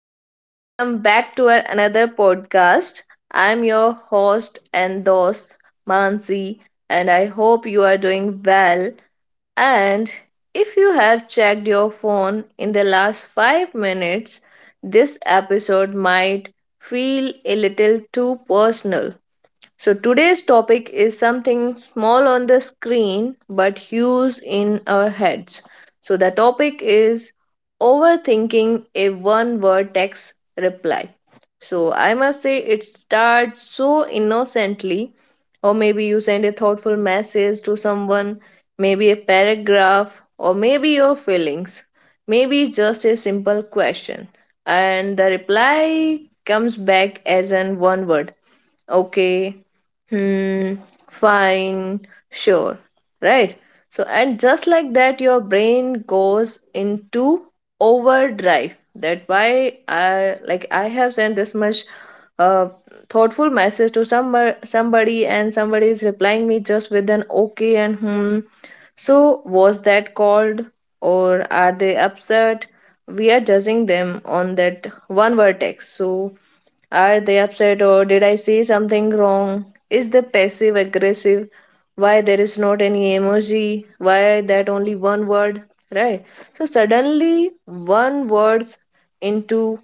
welcome back to our another podcast. I'm your host and host, Mansi, and I hope you are doing well. And if you have checked your phone in the last 5 minutes, this episode might feel a little too personal. So today's topic is something small on the screen but huge in our heads. So the topic is overthinking a one word text reply. So I must say it starts so innocently, or maybe you send a thoughtful message to someone, maybe a paragraph, or maybe your feelings, maybe just a simple question, and the reply comes back as an one word: okay, hmm, fine, sure, right? So, and just like that, your brain goes into overdrive. That why I have sent this much uh, thoughtful message to somebody, and somebody is replying me just with an okay and hmm. So, was that called, or are they upset? We are judging them on that one vertex. So, are they upset or did I say something wrong? Is the passive aggressive? Why there is not any emoji? Why that only one word? Right? So suddenly one words into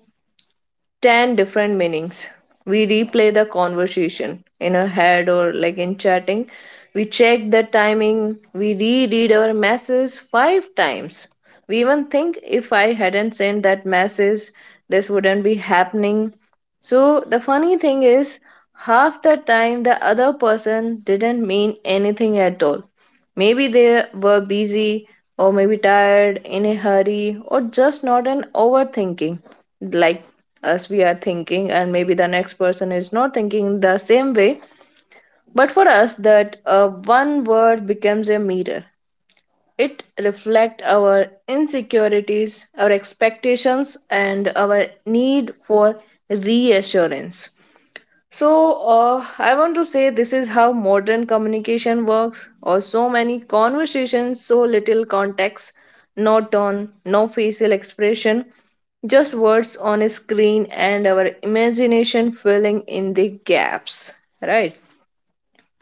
10 different meanings. We replay the conversation in our head or like in chatting. We check the timing. We reread our messages 5 times. We even think if I hadn't sent that message, this wouldn't be happening. So the funny thing is, half the time the other person didn't mean anything at all. Maybe they were busy, or maybe tired, in a hurry, or just not an overthinking like us we are thinking, and maybe the next person is not thinking the same way. But for us, that one word becomes a mirror. It reflects our insecurities, our expectations, and our need for reassurance. So, I want to say this is how modern communication works, or so many conversations, so little context, no tone, no facial expression, just words on a screen and our imagination filling in the gaps, right?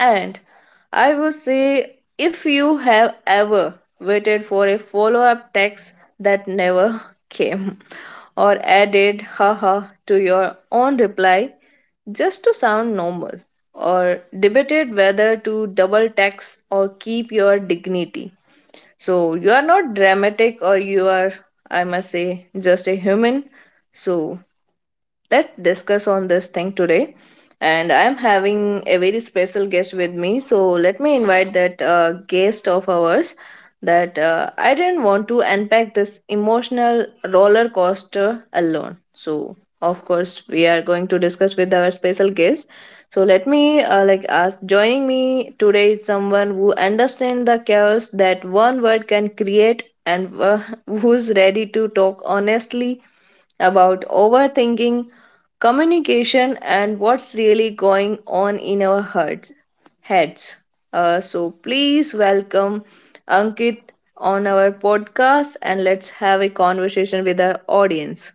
And I would say if you have ever waited for a follow up text that never came, or added haha to your own reply just to sound normal, or debated whether to double tax or keep your dignity. So you are not dramatic or you are, I must say, just a human. So let's discuss on this thing today. And I'm having a very special guest with me. So let me invite that guest of ours that I didn't want to unpack this emotional roller coaster alone. So of course we are going to discuss with our special guest. So let me like ask joining me today is someone who understands the chaos that one word can create and who's ready to talk honestly about overthinking, communication, and what's really going on in our hearts, heads. So please welcome Ankit on our podcast and let's have a conversation with our audience.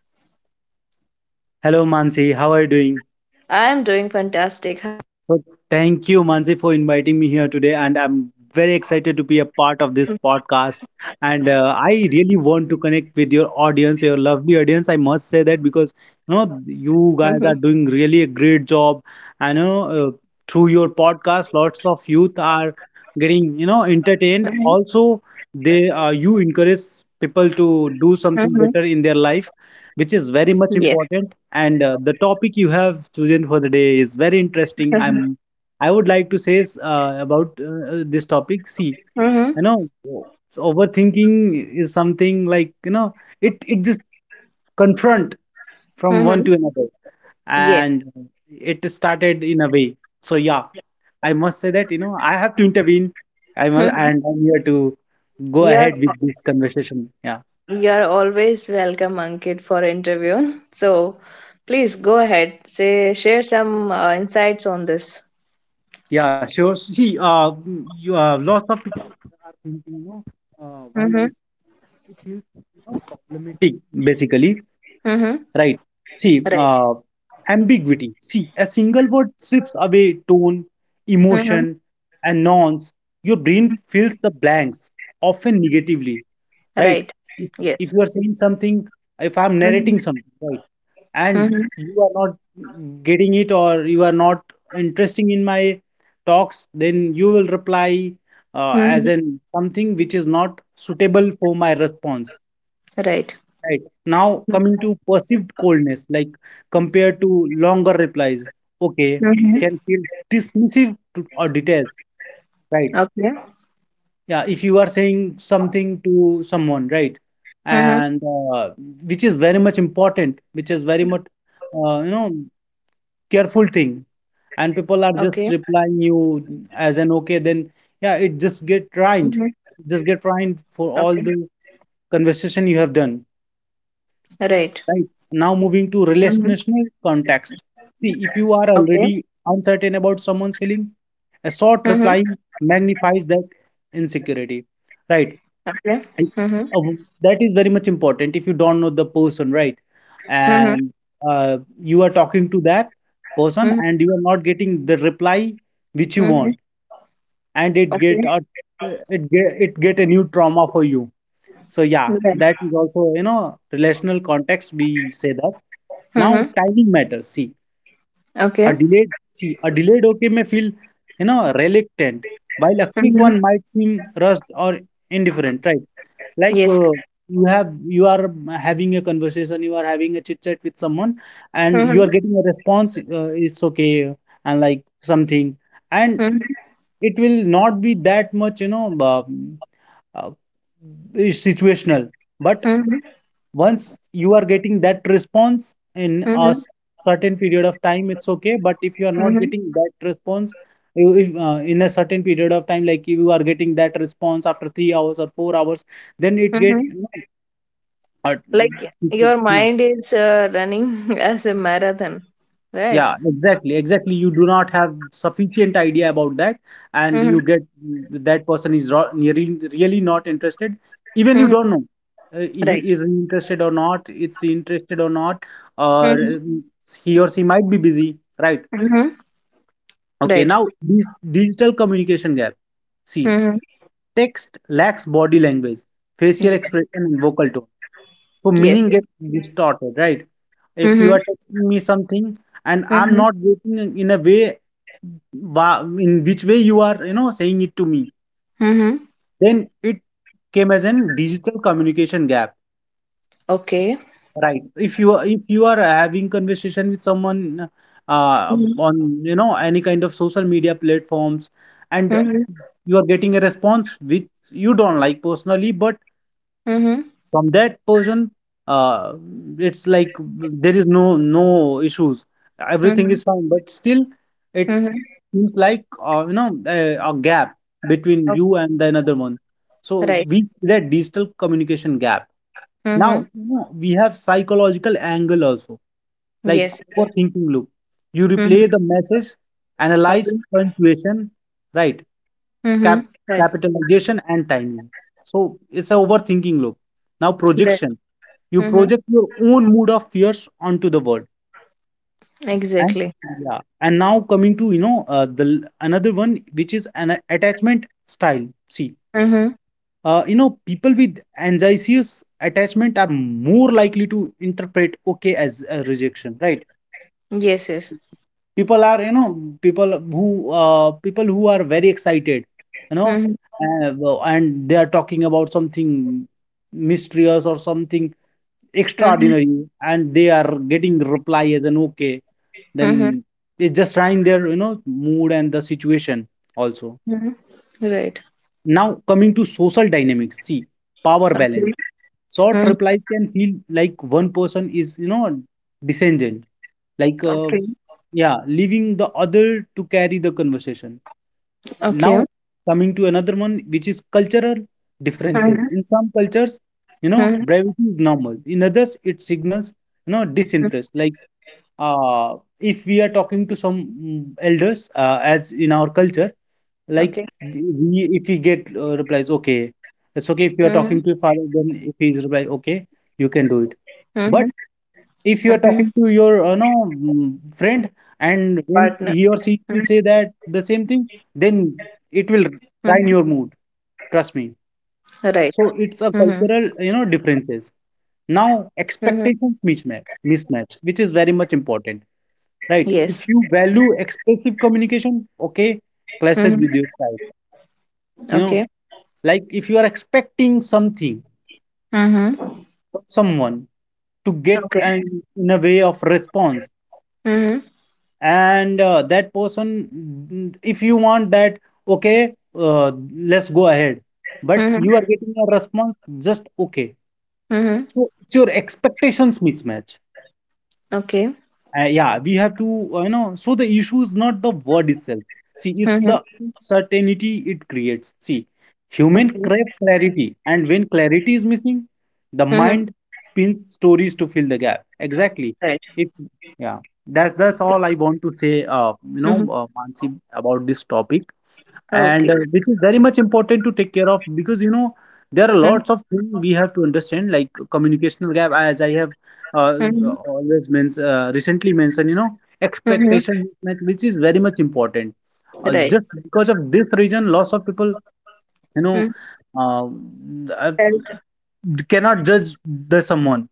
Hello Mansi, how are you doing? I am doing fantastic. So Thank you Mansi for inviting me here today and I'm very excited to be a part of this podcast and I really want to connect with your audience, your lovely audience. I must say that because you Mhm, know you guys are doing really a great job, and you know through your podcast lots of youth are getting, you mhm, know, entertained. Also, they you encourage people to mhm. do something better in their life, which is Yes. very much important. And the topic you have chosen for the day is very interesting. Mhm, I would like to say about this topic. See, mhm, you know, so overthinking is something like, you know, it just confront from one mhm. to another, Yes. and it started in a way. So yeah, I must say that, you know, I have to intervene. I must, Mhm. and I'm here to go You ahead are with this conversation, yeah. You are always welcome, Ankit, for interview. So please go ahead. Say share some insights on this. Yeah, sure. See, you lots of people are thinking, you know, why Mm-hmm. it is, you know, problematic basically, Mm-hmm. right? See, Right. Ambiguity. See, a single word strips away tone, Mm-hmm. emotion, and nouns. Your brain fills the blanks, often negatively, right? Right. If, Yes. if you are saying something, if I'm Mm-hmm. narrating something, right, and Mm-hmm. you are not getting it, or you are not interesting in my talks, then you will reply Mm-hmm. as in something which is not suitable for my response. Right. Right. Now coming to perceived coldness, like compared to longer replies, okay, Mm-hmm. can feel dismissive to, or detached, right? Okay. Yeah, if you are saying something to someone, right, Mm-hmm. and which is very much important, which is very much, you know, careful thing, and Okay. people are just replying you as an okay, then yeah, it Mm-hmm. Just get Okay. ruined for all the conversation you have done. Right. Right? Now moving Mm-hmm. to relational context. See, if you are Okay. already uncertain about someone's feeling, a Mm-hmm. short reply magnifies that insecurity, right? Okay. And Mm-hmm. uh, that is very much important if you don't know the person, right? Mm-hmm. And you are talking to that person Mm-hmm. and you are not getting the reply which you Mm-hmm. want, and it get Okay. a, it get a new trauma for you. So yeah, Right. that is also, you know, relational context. We say that. Now Mm-hmm. timing matters. Okay. See a delayed okay may feel, you know, reluctant, while a quick one Mm-hmm. might seem rushed or indifferent. Right? Like Yes. You are having a conversation, you are having a chit chat with someone, and Mm-hmm. you are getting a response. It's okay, and like something, and Mm-hmm. it will not be that much, you know, uh, situational. But Mm-hmm. once you are getting that response in Mm-hmm. a certain period of time, it's okay, but if you are not getting that response if in a certain period of time, like if you are getting that response after 3 hours or 4 hours, then it get Mm-hmm. you know, Like your uh, mind is running as a marathon, right? yeah, exactly, exactly. You do not have sufficient idea about that, and Mm-hmm. you get that person is really, really not interested. Even you Mm-hmm. don't know Right. he is interested or not. It's interested or not, or Mm-hmm. He or she might be busy, right? Mm-hmm. Okay, Right. now this digital communication gap. See, Mm-hmm. text lacks body language, facial Yes. expression, and vocal tone, so Yes. meaning gets distorted, right? If Mm-hmm. you are texting me something and I'm Mm-hmm. not waiting in a way in which way you are, you know, saying it to me, Mm-hmm. then it came as an digital communication gap, Okay. right? If you are having conversation with someone Mm-hmm. on, you know, any kind of social media platforms, and Mm-hmm. you are getting a response which you don't like personally, but Mm-hmm. from that person, uh, it's like there is no no issues, everything Mm-hmm. is fine, but still it Mm-hmm. seems like you know a gap between Okay. you and the another one. So Right. we see that digital communication gap. Now Mm-hmm. you know, we have psychological angle also, like Yes. overthinking loop. You replay Mm-hmm. the message, analyze Okay. punctuation, right, cap Mm-hmm. Right. capitalization and timing. So it's a overthinking loop. Now Right. projection. You Mm-hmm. project your own mood of fears onto the world. And Exactly. yeah, and now coming to, you know, another one which is an attachment style. See, Mm-hmm. You know, people with anxious attachment are more likely to interpret okay as a rejection, right? Yes. Yes. People are, you know, people who people who are very excited, you know, Mm-hmm. And they are talking about something mysterious or something Mm-hmm. extraordinary, and they are getting reply as an okay, Mm-hmm. then it's just trying their, you know, mood and the situation also. Mm-hmm. Right. Now coming to social dynamics. See, power Okay. balance. Short Mm. replies can feel like one person is, you know, descendant, like Okay. yeah, leaving the other to carry the conversation. Now Okay. coming to another one which is cultural differences. Mm-hmm. In some cultures, you know, Mm-hmm. brevity is normal. In others, it signals, you know, disinterest. Like if we are talking to some elders as in our culture, like Okay. If we get replies okay, it's okay. If Mhm, you are talking to your father, then if he is reply okay, you can do mhm, it. But mhm. if you are talking to your, you know, friend, Partner. and Mhm, when he or she will say that the same thing, then mhm. it will ruin your mood, trust me. Right. Mhm, So it's a cultural, you know, differences. Now mhm. expectations mismatch. Mismatch which is very much important, right? Yes. If you value expressive communication, okay clashes Mhm. with your style, you know. Okay. Like if you are expecting something Mhm. from someone to get Okay. an in a way of response, Mhm, and that person, if you want that okay, let's go ahead, but mhm, you are getting a response just okay. mhm. So it's your expectations mismatch. Okay. Yeah, we have to, you know, so the issue is not the word itself. See, it's Mhm. the uncertainty it creates. See, human Okay. crave clarity, and when clarity is missing, the Mhm. mind spins stories to fill the gap. Exactly. Right. If yeah, that's all I want to say. You know, Mhm. Mansi, about this topic, and Okay. which is very much important to take care of, because you know there are Mhm, lots of things we have to understand, like communicational gap. As I have uh, mhm, recently mentioned, you know, mhm. expectation mismatch, which is very much important. Right. Just because of this reason, lots of people, you know, Mhm. uh, uh, Health. cannot judge the someone,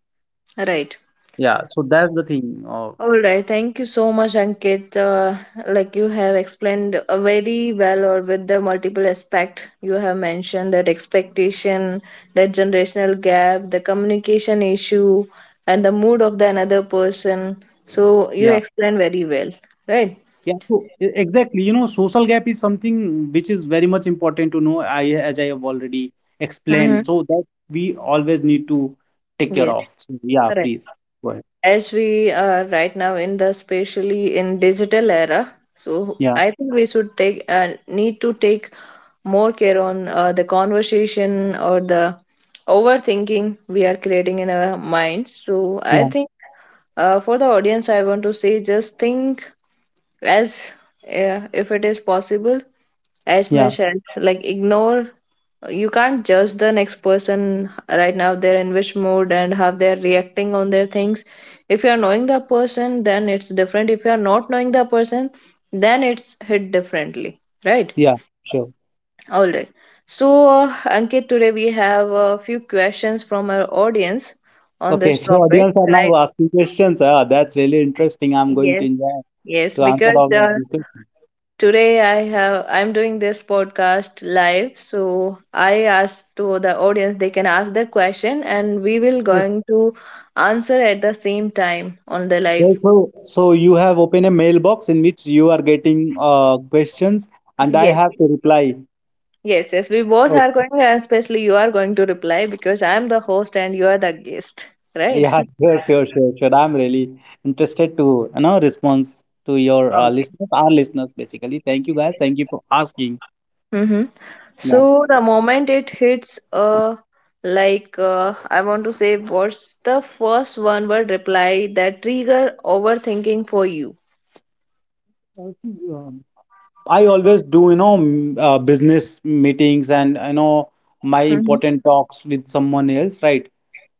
Right. yeah. So that's the thing, All right, thank you so much, Ankit. Like you have explained very well, or with the multiple aspect you have mentioned that expectation, that generational gap, the communication issue, and the mood of the another person. So you yeah. explained very well, right? Yeah, so exactly. You know, social gap is something which is very much important to know. I, as I have already Hmm. explained, so that we always need to take care Yes, of. So yeah, correct. please go ahead. As we are right now in the especially in digital era, so Yeah, I think we should take need to take more care on the conversation or the overthinking we are creating in our minds. So I yeah, think for the audience, I want to say just think as if it is possible, as yeah, much as like ignore. You can't judge the next person right now. They're in which mood and how they're reacting on their things. If you're knowing the person, then it's different. If you're not knowing the person, then it's hit differently, right? yeah. Sure. All right. So, Ankit, today we have a few questions from our audience on Okay, this so topic, audience are now right? asking questions. Ah, that's really interesting. I'm going to Yes, enjoy yes, to answer because all of these questions. today I'm doing this podcast live, so I ask to the audience they can ask the question and we will Yes. going to answer at the same time on the Well, live. So, so you have opened a mailbox in which you are getting questions, and I Yes. have to reply. Yes, yes, we both are Okay. going, and especially you are going to reply because I'm the host and you are the guest, right? Yeah, sure, sure, sure, sure. I'm really interested to, you know, response to your Okay. listeners, our listeners, basically. Thank you guys. Thank you for asking. Mm-hmm. Yeah. So the moment it hits, I want to say, what's the first one word reply that trigger overthinking for you? See, I always do, you know, business meetings, and, you know, my Mm-hmm. important talks with someone else, right?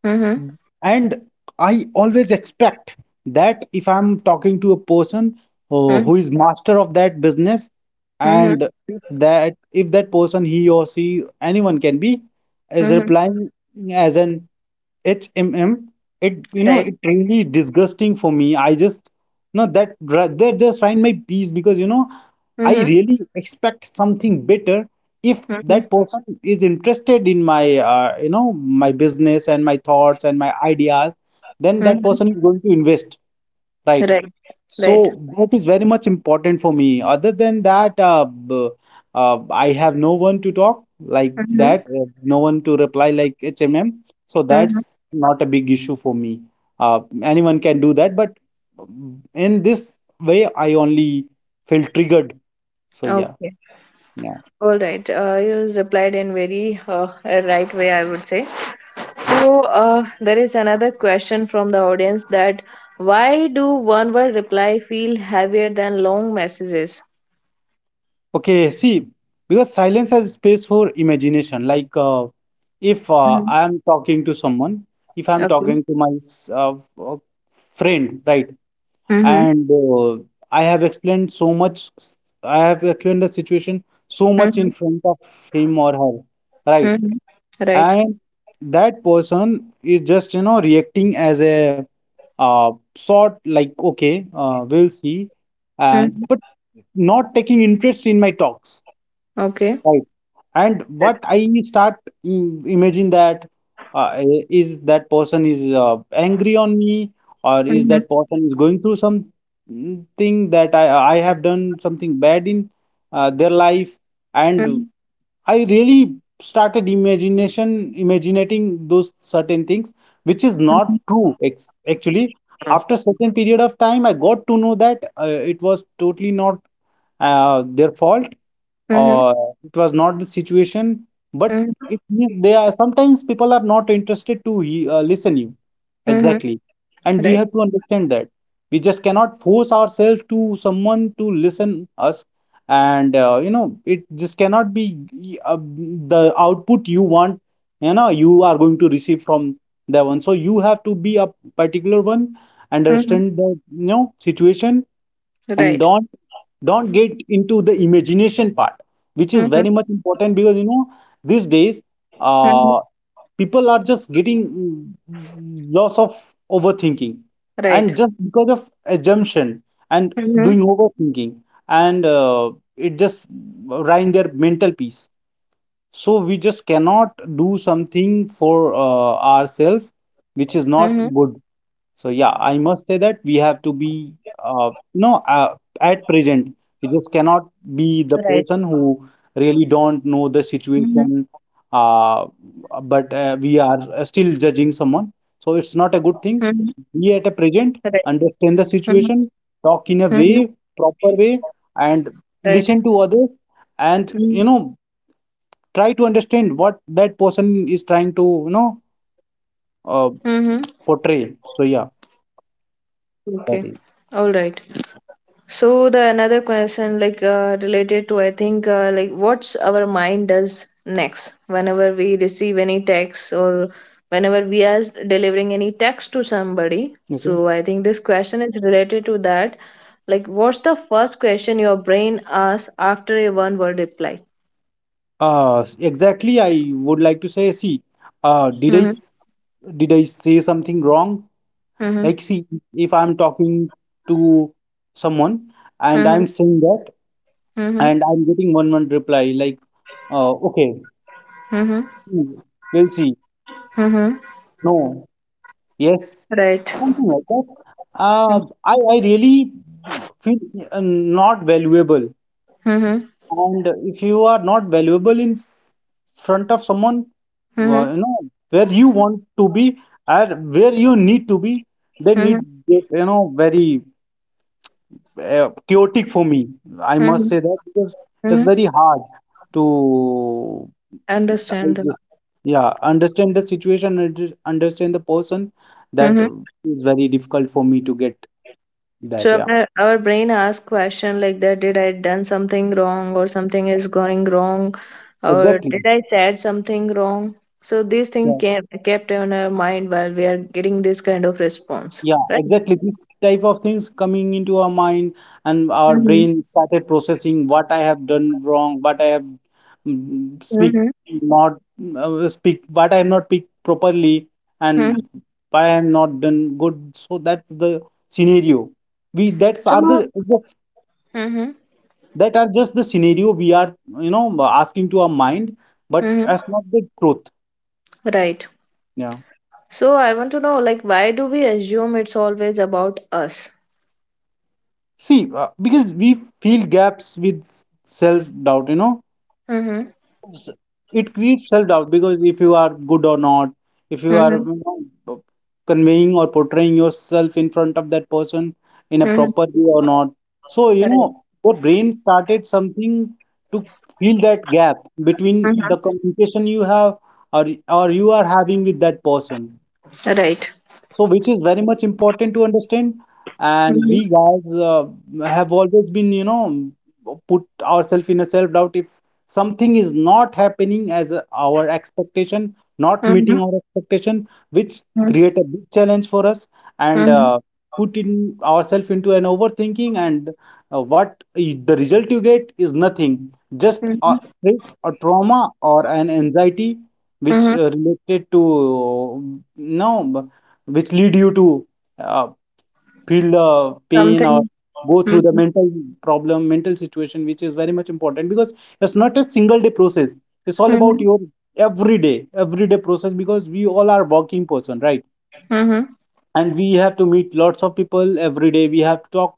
Mm-hmm. Mm. And I always expect that if I'm talking to a person who Mm-hmm. is master of that business, Mm-hmm. and if that person, he or she, anyone can be, is Mm-hmm. replying as an HMM, it, you know, Right. it really disgusting for me. I just no that that just find my peace, because you know I Mm-hmm. really expect something better. If Mm-hmm. that person is interested in my you know, my business and my thoughts and my ideas, then that person Mm-hmm. is going to invest, right? Right. So Right. that is very much important for me. Other than that, I have no one to talk like Mm-hmm. that, no one to reply like HMM, so Mm-hmm. that's not a big issue for me. Anyone can do that, but in this way I only feel triggered. So yeah, Okay. yeah. All right, you replied in very a right way, I would say. Yeah. So there is another question from the audience that why do one word reply feel heavier than long messages? Okay, see, because silence has space for imagination. Like, if Mhm. I am talking to someone, if I'm Okay. talking to my friend, right, Mm-hmm. and I have explained so much, I have explained the situation so much in Mm-hmm. front of him or her, right, Mm-hmm. Right. and that person is just, you know, reacting as a sort like, okay, we'll see. And Mm-hmm. but not taking interest in my talks, Okay. right, and what I start imagine that uh, is that person is angry on me, or is Mm-hmm. that person is going through some thing that I have done something bad in their life, and Mm-hmm. I really started imagination imagining those certain things which is not true actually. After certain period of time I got to know that it was totally not their fault, Mm-hmm. or it was not the situation, but it means they are sometimes people are not interested to listen you. Mm-hmm. Exactly. And we Right. have to understand that we just cannot force ourselves to someone to listen us, and it just cannot be the output you want, you are going to receive from that one. So you have to be a particular one, Mm-hmm. understand the situation, and Right. don't get into the imagination part, which is Mm-hmm. very much important because these days Mm-hmm. uh people are just getting lots of overthinking, Right. and just because of assumption and doing Mm-hmm. overthinking, and it just ruin their mental peace. So we just cannot do something for ourselves, which is not Mm-hmm. good. So yeah, I must say that we have to be, at present, we just cannot Right. be the person who really don't know the Mm-hmm. situation, uh, but we are still judging someone. So it's not a good thing. Mm-hmm. Be at a present, Right. understand the situation, Mm-hmm. talk in a way, Mm-hmm. proper way, and listen to others, Right. and try to understand what that person is trying to, uh, Mm-hmm. portray. So yeah, Okay. that is All right. So the another question like related to I think like what's our mind does next whenever we receive any text or whenever we are delivering any text to somebody. okay. So I think this question is related to that. Like what's the first question your brain asks after a one word reply? Exactly. I would like to say, see, uh, did I Mm-hmm. s- did I say something wrong? Like, see, Mm-hmm. if I'm talking to someone and I'm saying Mm-hmm. that, and I'm Mm-hmm. getting one reply like, okay, Mm-hmm. hmm, we'll see. Mm-hmm. No, yes, Right. something like that. Uh, Mm-hmm. I I really feel not valuable. Mm-hmm. And if you are not valuable in front of someone, Mm-hmm. Where you want to be, or where you need to be, then it get, very chaotic for me. I must say that because it's Mm-hmm. very hard to, I Understand. just- yeah, understand the situation and just understand the person. That Mm-hmm. is very difficult for me to get that. So Yeah, our brain asks question like that, did I done something wrong or something is going wrong or did exactly. I said something wrong? So these things Yeah. kept on our mind while we are getting this kind of response, Yeah, right? exactly. This type of things coming into our mind, and our Mm-hmm. brain started processing what I have done wrong, what I have speak, Mm-hmm. not speak, what I have not speak properly, Hmm. and why I have not done good. So that's the scenario. We that's are So, the mm-hmm. That are just the scenario we are asking to our mind, but that's Mm-hmm. not the truth. Right. Yeah. So I want to know like why do we assume it's always about us? See, because we feel gaps with self doubt, Mm-hmm. it creates self-doubt, because if you are good or not, if you are Mm-hmm. Know, conveying or portraying yourself in front of that person in a Mm-hmm. proper way or not. So, Right. Your brain started something to fill that gap between the Mm-hmm. communication you have, or or you are having with that person. Right. So, which is very much important to understand. And Mm-hmm. we guys have always been, put ourselves in a self-doubt if something is not happening as our expectation, not meeting our expectation, which Mm-hmm. create a big challenge for us, and put in ourselves into an overthinking, and the result you get is nothing, just a Mm-hmm. stress, a trauma, or an anxiety, which Mhm. Related to, no, which lead you to uh, feel the pain or Something. go through the Mhm. mental problem, mental situation, which is very much important because it's not a single day process. It's all about Mhm. your everyday, everyday process, because we all are working person, right? Mhm. And we have to meet lots of people every day. We have to talk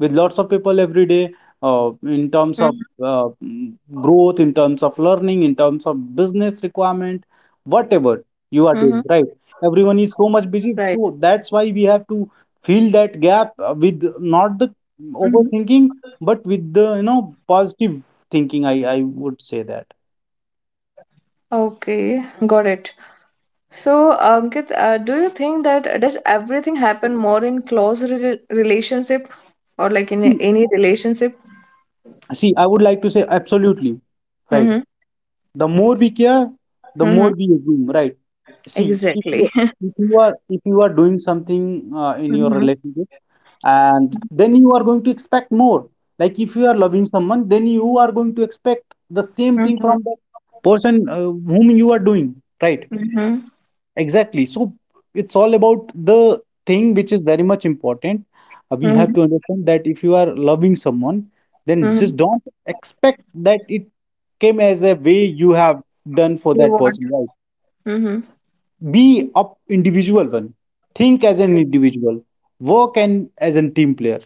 with lots of people every day, Mhm. in terms of uh, mm, growth, in terms of learning, in terms of business requirement, Mhm. whatever you are doing, right? Right. Everyone is so much busy. So that's why we have to fill that gap with Mhm. not the overthinking, but with the, positive thinking. I would say that. Okay, got it. So, Ankit, do you think that does everything happen more in close re relationship or like in See, any relationship? see, I would like to say absolutely, right? Mm-hmm. The more we care, the Mm-hmm. more we assume, right? See, if you Exactly. if you are if you are doing something in your Mm-hmm. relationship, and then you are going to expect more. Like if you are loving someone, then you are going to expect the same thing Mm-hmm. from the person whom you are doing, right? Mm-hmm. Exactly. So it's all about the thing which is very much important. We have Mm-hmm. to understand that if you are loving someone, then Mm-hmm. just don't expect that it came as a way you have done for You that want. person, right? Mm-hmm. Be up individual one, think as an individual, work and as a team player.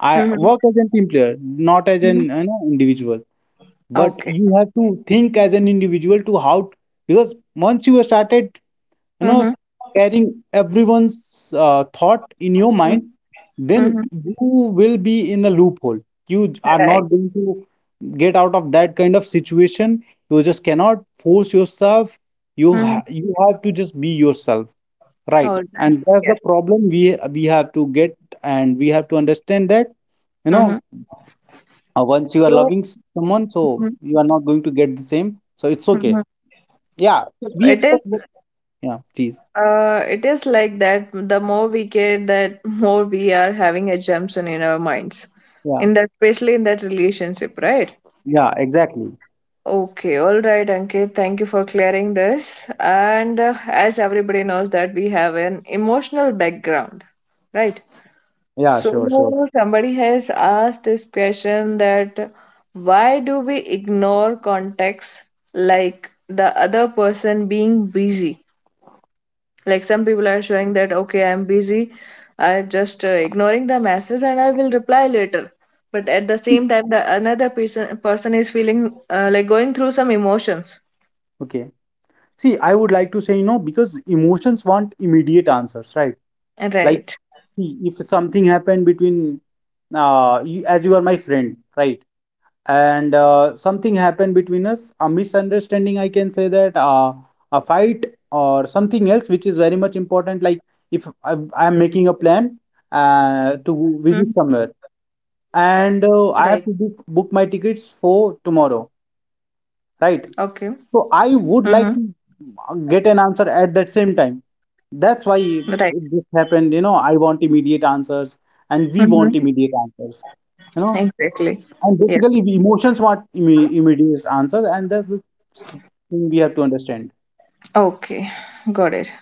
I work Mm-hmm. as a team player, not as an individual, but Okay. you have to think as an individual to how. Because once you have started you know Mm-hmm. carrying everyone's thought in your mind, then Mm-hmm. you will be in a loophole. You are not Right. going to get out of that kind of situation. You just cannot force yourself. Mm-hmm. You have to just be yourself, right, All right. and that's Yes. the problem we have to get, and we have to understand that you Mm-hmm. know once you are So loving someone, so Mhm, you are not going to get the same, so it's okay. mhm. Yeah, we It is expect that- yeah, please. it is like that the more we get that, more we are having a assumption in our minds Yeah, in that, especially in that relationship, right? yeah, exactly. Okay, all right, Ankit, thank you for clearing this, and as everybody knows that we have an emotional background, right? Yeah, sure, sure. So somebody has asked this question that why do we ignore context, like the other person being busy. Like some people are showing that, okay, I'm busy, I'm just ignoring the message and I will reply later. But at the same time, the another person is feeling like going through some emotions. Okay, see, I would like to say, because emotions want immediate answers, right? Like, Right. see, if something happened between you, as you are my friend, right, and something happened between us, a misunderstanding, I can say that, a fight or something else, which is very much important. Like if I am making a plan Mhm. To visit somewhere, Right. and I have to book my tickets for tomorrow, Okay. right? So Mm-hmm. I would like to get an answer at that same time. That's why Right. it just happened. I want immediate answers, and we Mm-hmm. want immediate answers, you know Exactly. and Yeah. basically, the emotions want immediate answers, and that's the s- thing we have to understand. Okay. Got it.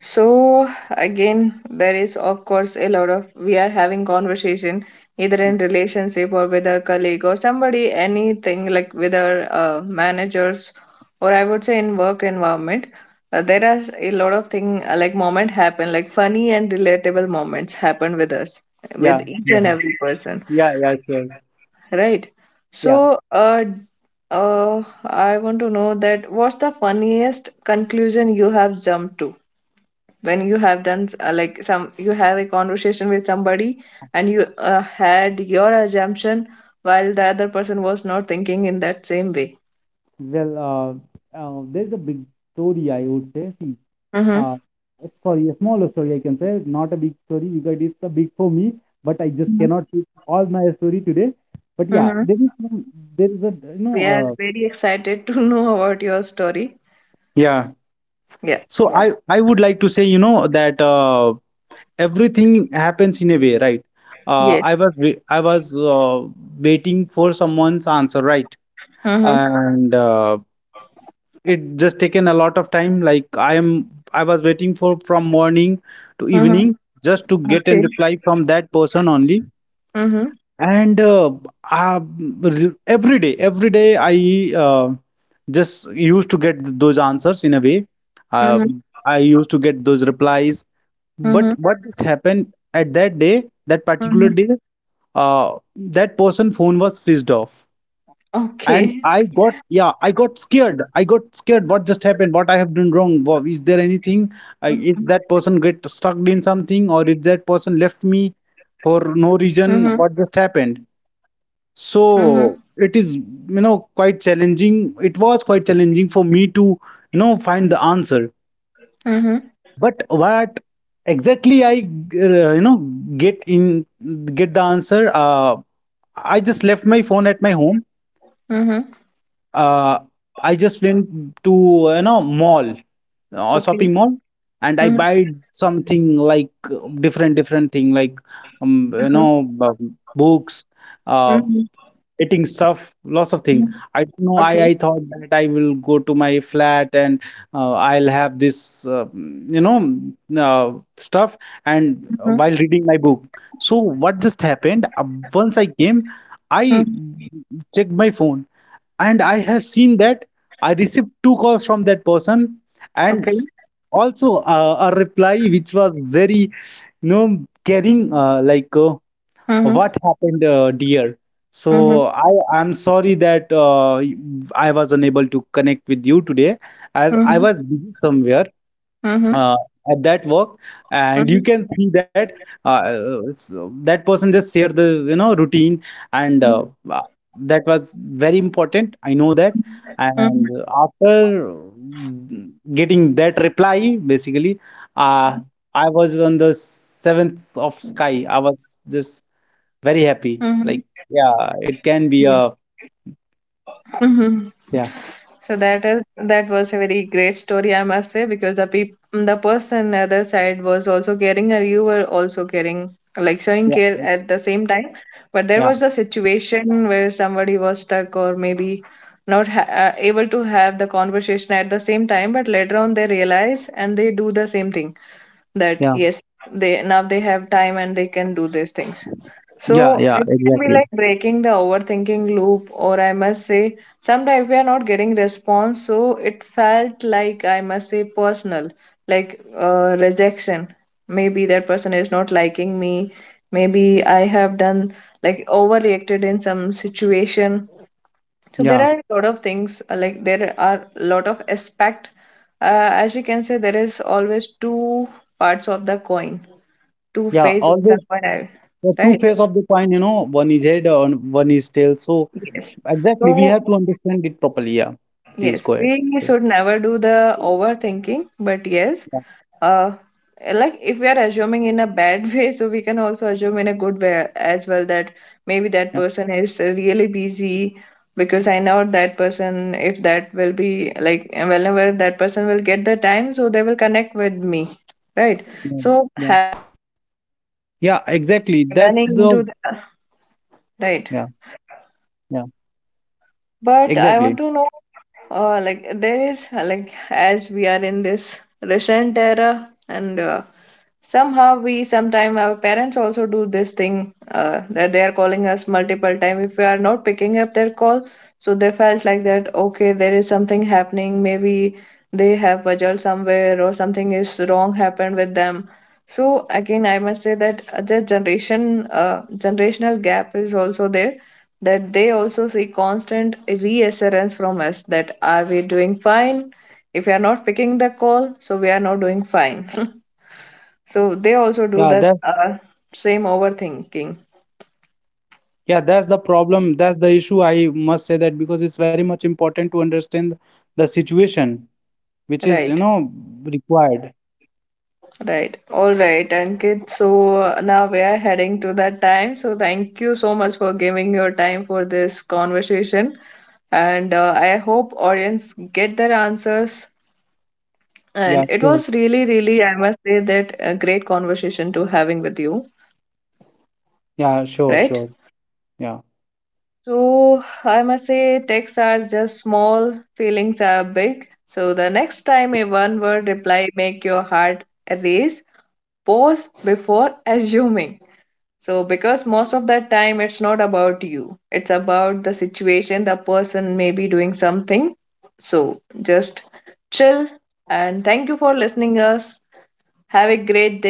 So again, there is of course a lot of we are having conversation either in relationship or with our colleague or somebody, anything like with our managers or I would say in work environment. There are a lot of thing like moment happen, like funny and relatable moments happen with us, with Yeah, each and yeah, every person, yeah, yeah, sure. right? Yeah. So I want to know that what's the funniest conclusion you have jumped to, when you have done like some you have a conversation with somebody and you had your assumption while the other person was not thinking in that same way. Well, there's a big story, I would say. See, Mm-hmm. uh, sorry, a smaller story I can say, not a big story, because it's a big for me, but I just cannot put all my story today. But yeah, Mm-hmm. there is some. There is a you know We are very excited to know about your story. Yeah. Yeah. So I would like to say, that everything happens in a way, right? uh, Yes. i was wai- i was uh, waiting for someone's answer, right? Mm-hmm. And it just taken a lot of time, like I was waiting for from morning to Mm-hmm. evening just to get a Okay. reply from that person only. Mm-hmm. And uh, every day I uh, just used to get those answers in a way, uh, Mm-hmm. I used to get those replies. But Mm-hmm. what just happened at that day, that Mm-hmm. particular day, that person phone was switched off. Okay. And I got yeah, I got scared, I got scared, what just happened, what I have done wrong. Wow, is there Mm-hmm. anything, is that person get stuck in something, or is that person left me for Mm-hmm. no reason? What just happened? Mm-hmm. So it is, quite challenging, it was quite challenging for me to find the answer. But what exactly I uh, you know get in get the answer, I just left my phone at my home. Mm-hmm. Uh, I just went to mall, or Okay. shopping mall, and I Mm-hmm. buy something like different different thing, like Mm-hmm. Books, uh Mm-hmm. Okay. Mm-hmm. eating stuff, lots of thing. Mm-hmm. I don't know. I Okay. I thought that I will go to my flat and I'll have this stuff, and while reading my book. So what just happened, once I came, I checked my phone, and I have seen that I received two calls from that person, and also a reply which was very know caring, Mm-hmm. what happened, dear, so I am sorry that I was unable to connect with you today as I Mm-hmm. was busy somewhere, Mhm. uh, at that work. And you Mhm. can see that uh, it's- that person just share the routine. And Mhm. uh, that was very important, I know that. And Mhm. after getting that reply, basically, uh, I was on the seventh of sky, I was just very happy, Mhm. like, yeah. It can Yeah. be a. Mhm. Yeah, So that is that was a very great story, I must say, because the peop the person other side was also caring, and you were also caring, like showing yeah, yeah, care at the same time. But there was a situation where somebody was stuck or maybe not ha able to have the conversation at the same time. But later on, they realize and they do the same thing that yeah, yes, they now they have time and they can do these things. yeah, So yeah, it can be exactly. like breaking the overthinking loop, or I must say, sometimes we are not getting response, so it felt like I must say personal, like rejection. Maybe that person is not liking me. Maybe I have done like overreacted in some situation. So there Yeah, are a lot of things, like there are a lot of aspect. As we can say, there is always two parts of the coin, two yeah, face of the always. coin. The two Right? face of the coin, one is head and one is tail. So Yes. exactly, we So, have to understand it properly. Yeah, please yes, go ahead. we Yeah, should never do the overthinking, but yes, uh, like if we are assuming in a bad way, so we can also assume in a good way as well that maybe that yeah, person is really busy because I know that person, if that will be like whenever that person will get the time, so they will connect with me, right? yeah, So yeah, yeah, exactly. That's the. running into the, Yeah, right. yeah, But I exactly. want to know, as we are in this recent era, and somehow we sometime our parents also do this thing that they are calling us multiple time if we are not picking up their call, so they felt like that okay there is something happening, maybe they have bajal somewhere or something is wrong happened with them. So again I must say that the generation generational gap is also there, that they also see constant reassurance from us that are we doing fine. If we are not picking the call so we are not doing fine. So they also do that same overthinking. Right, right. All right, Ankit. So now we are heading to that time. So thank you so much for giving your time for this conversation. And I hope audience get their answers. And it was really, really, I must say that a great conversation to having with you. Right. So I must say texts are just small, feelings are big. So the next time a one word reply make your heart race, pause before assuming. So, because most of that time it's not about you, it's about the situation, the person may be doing something. So, just chill and thank you for listening us. Have a great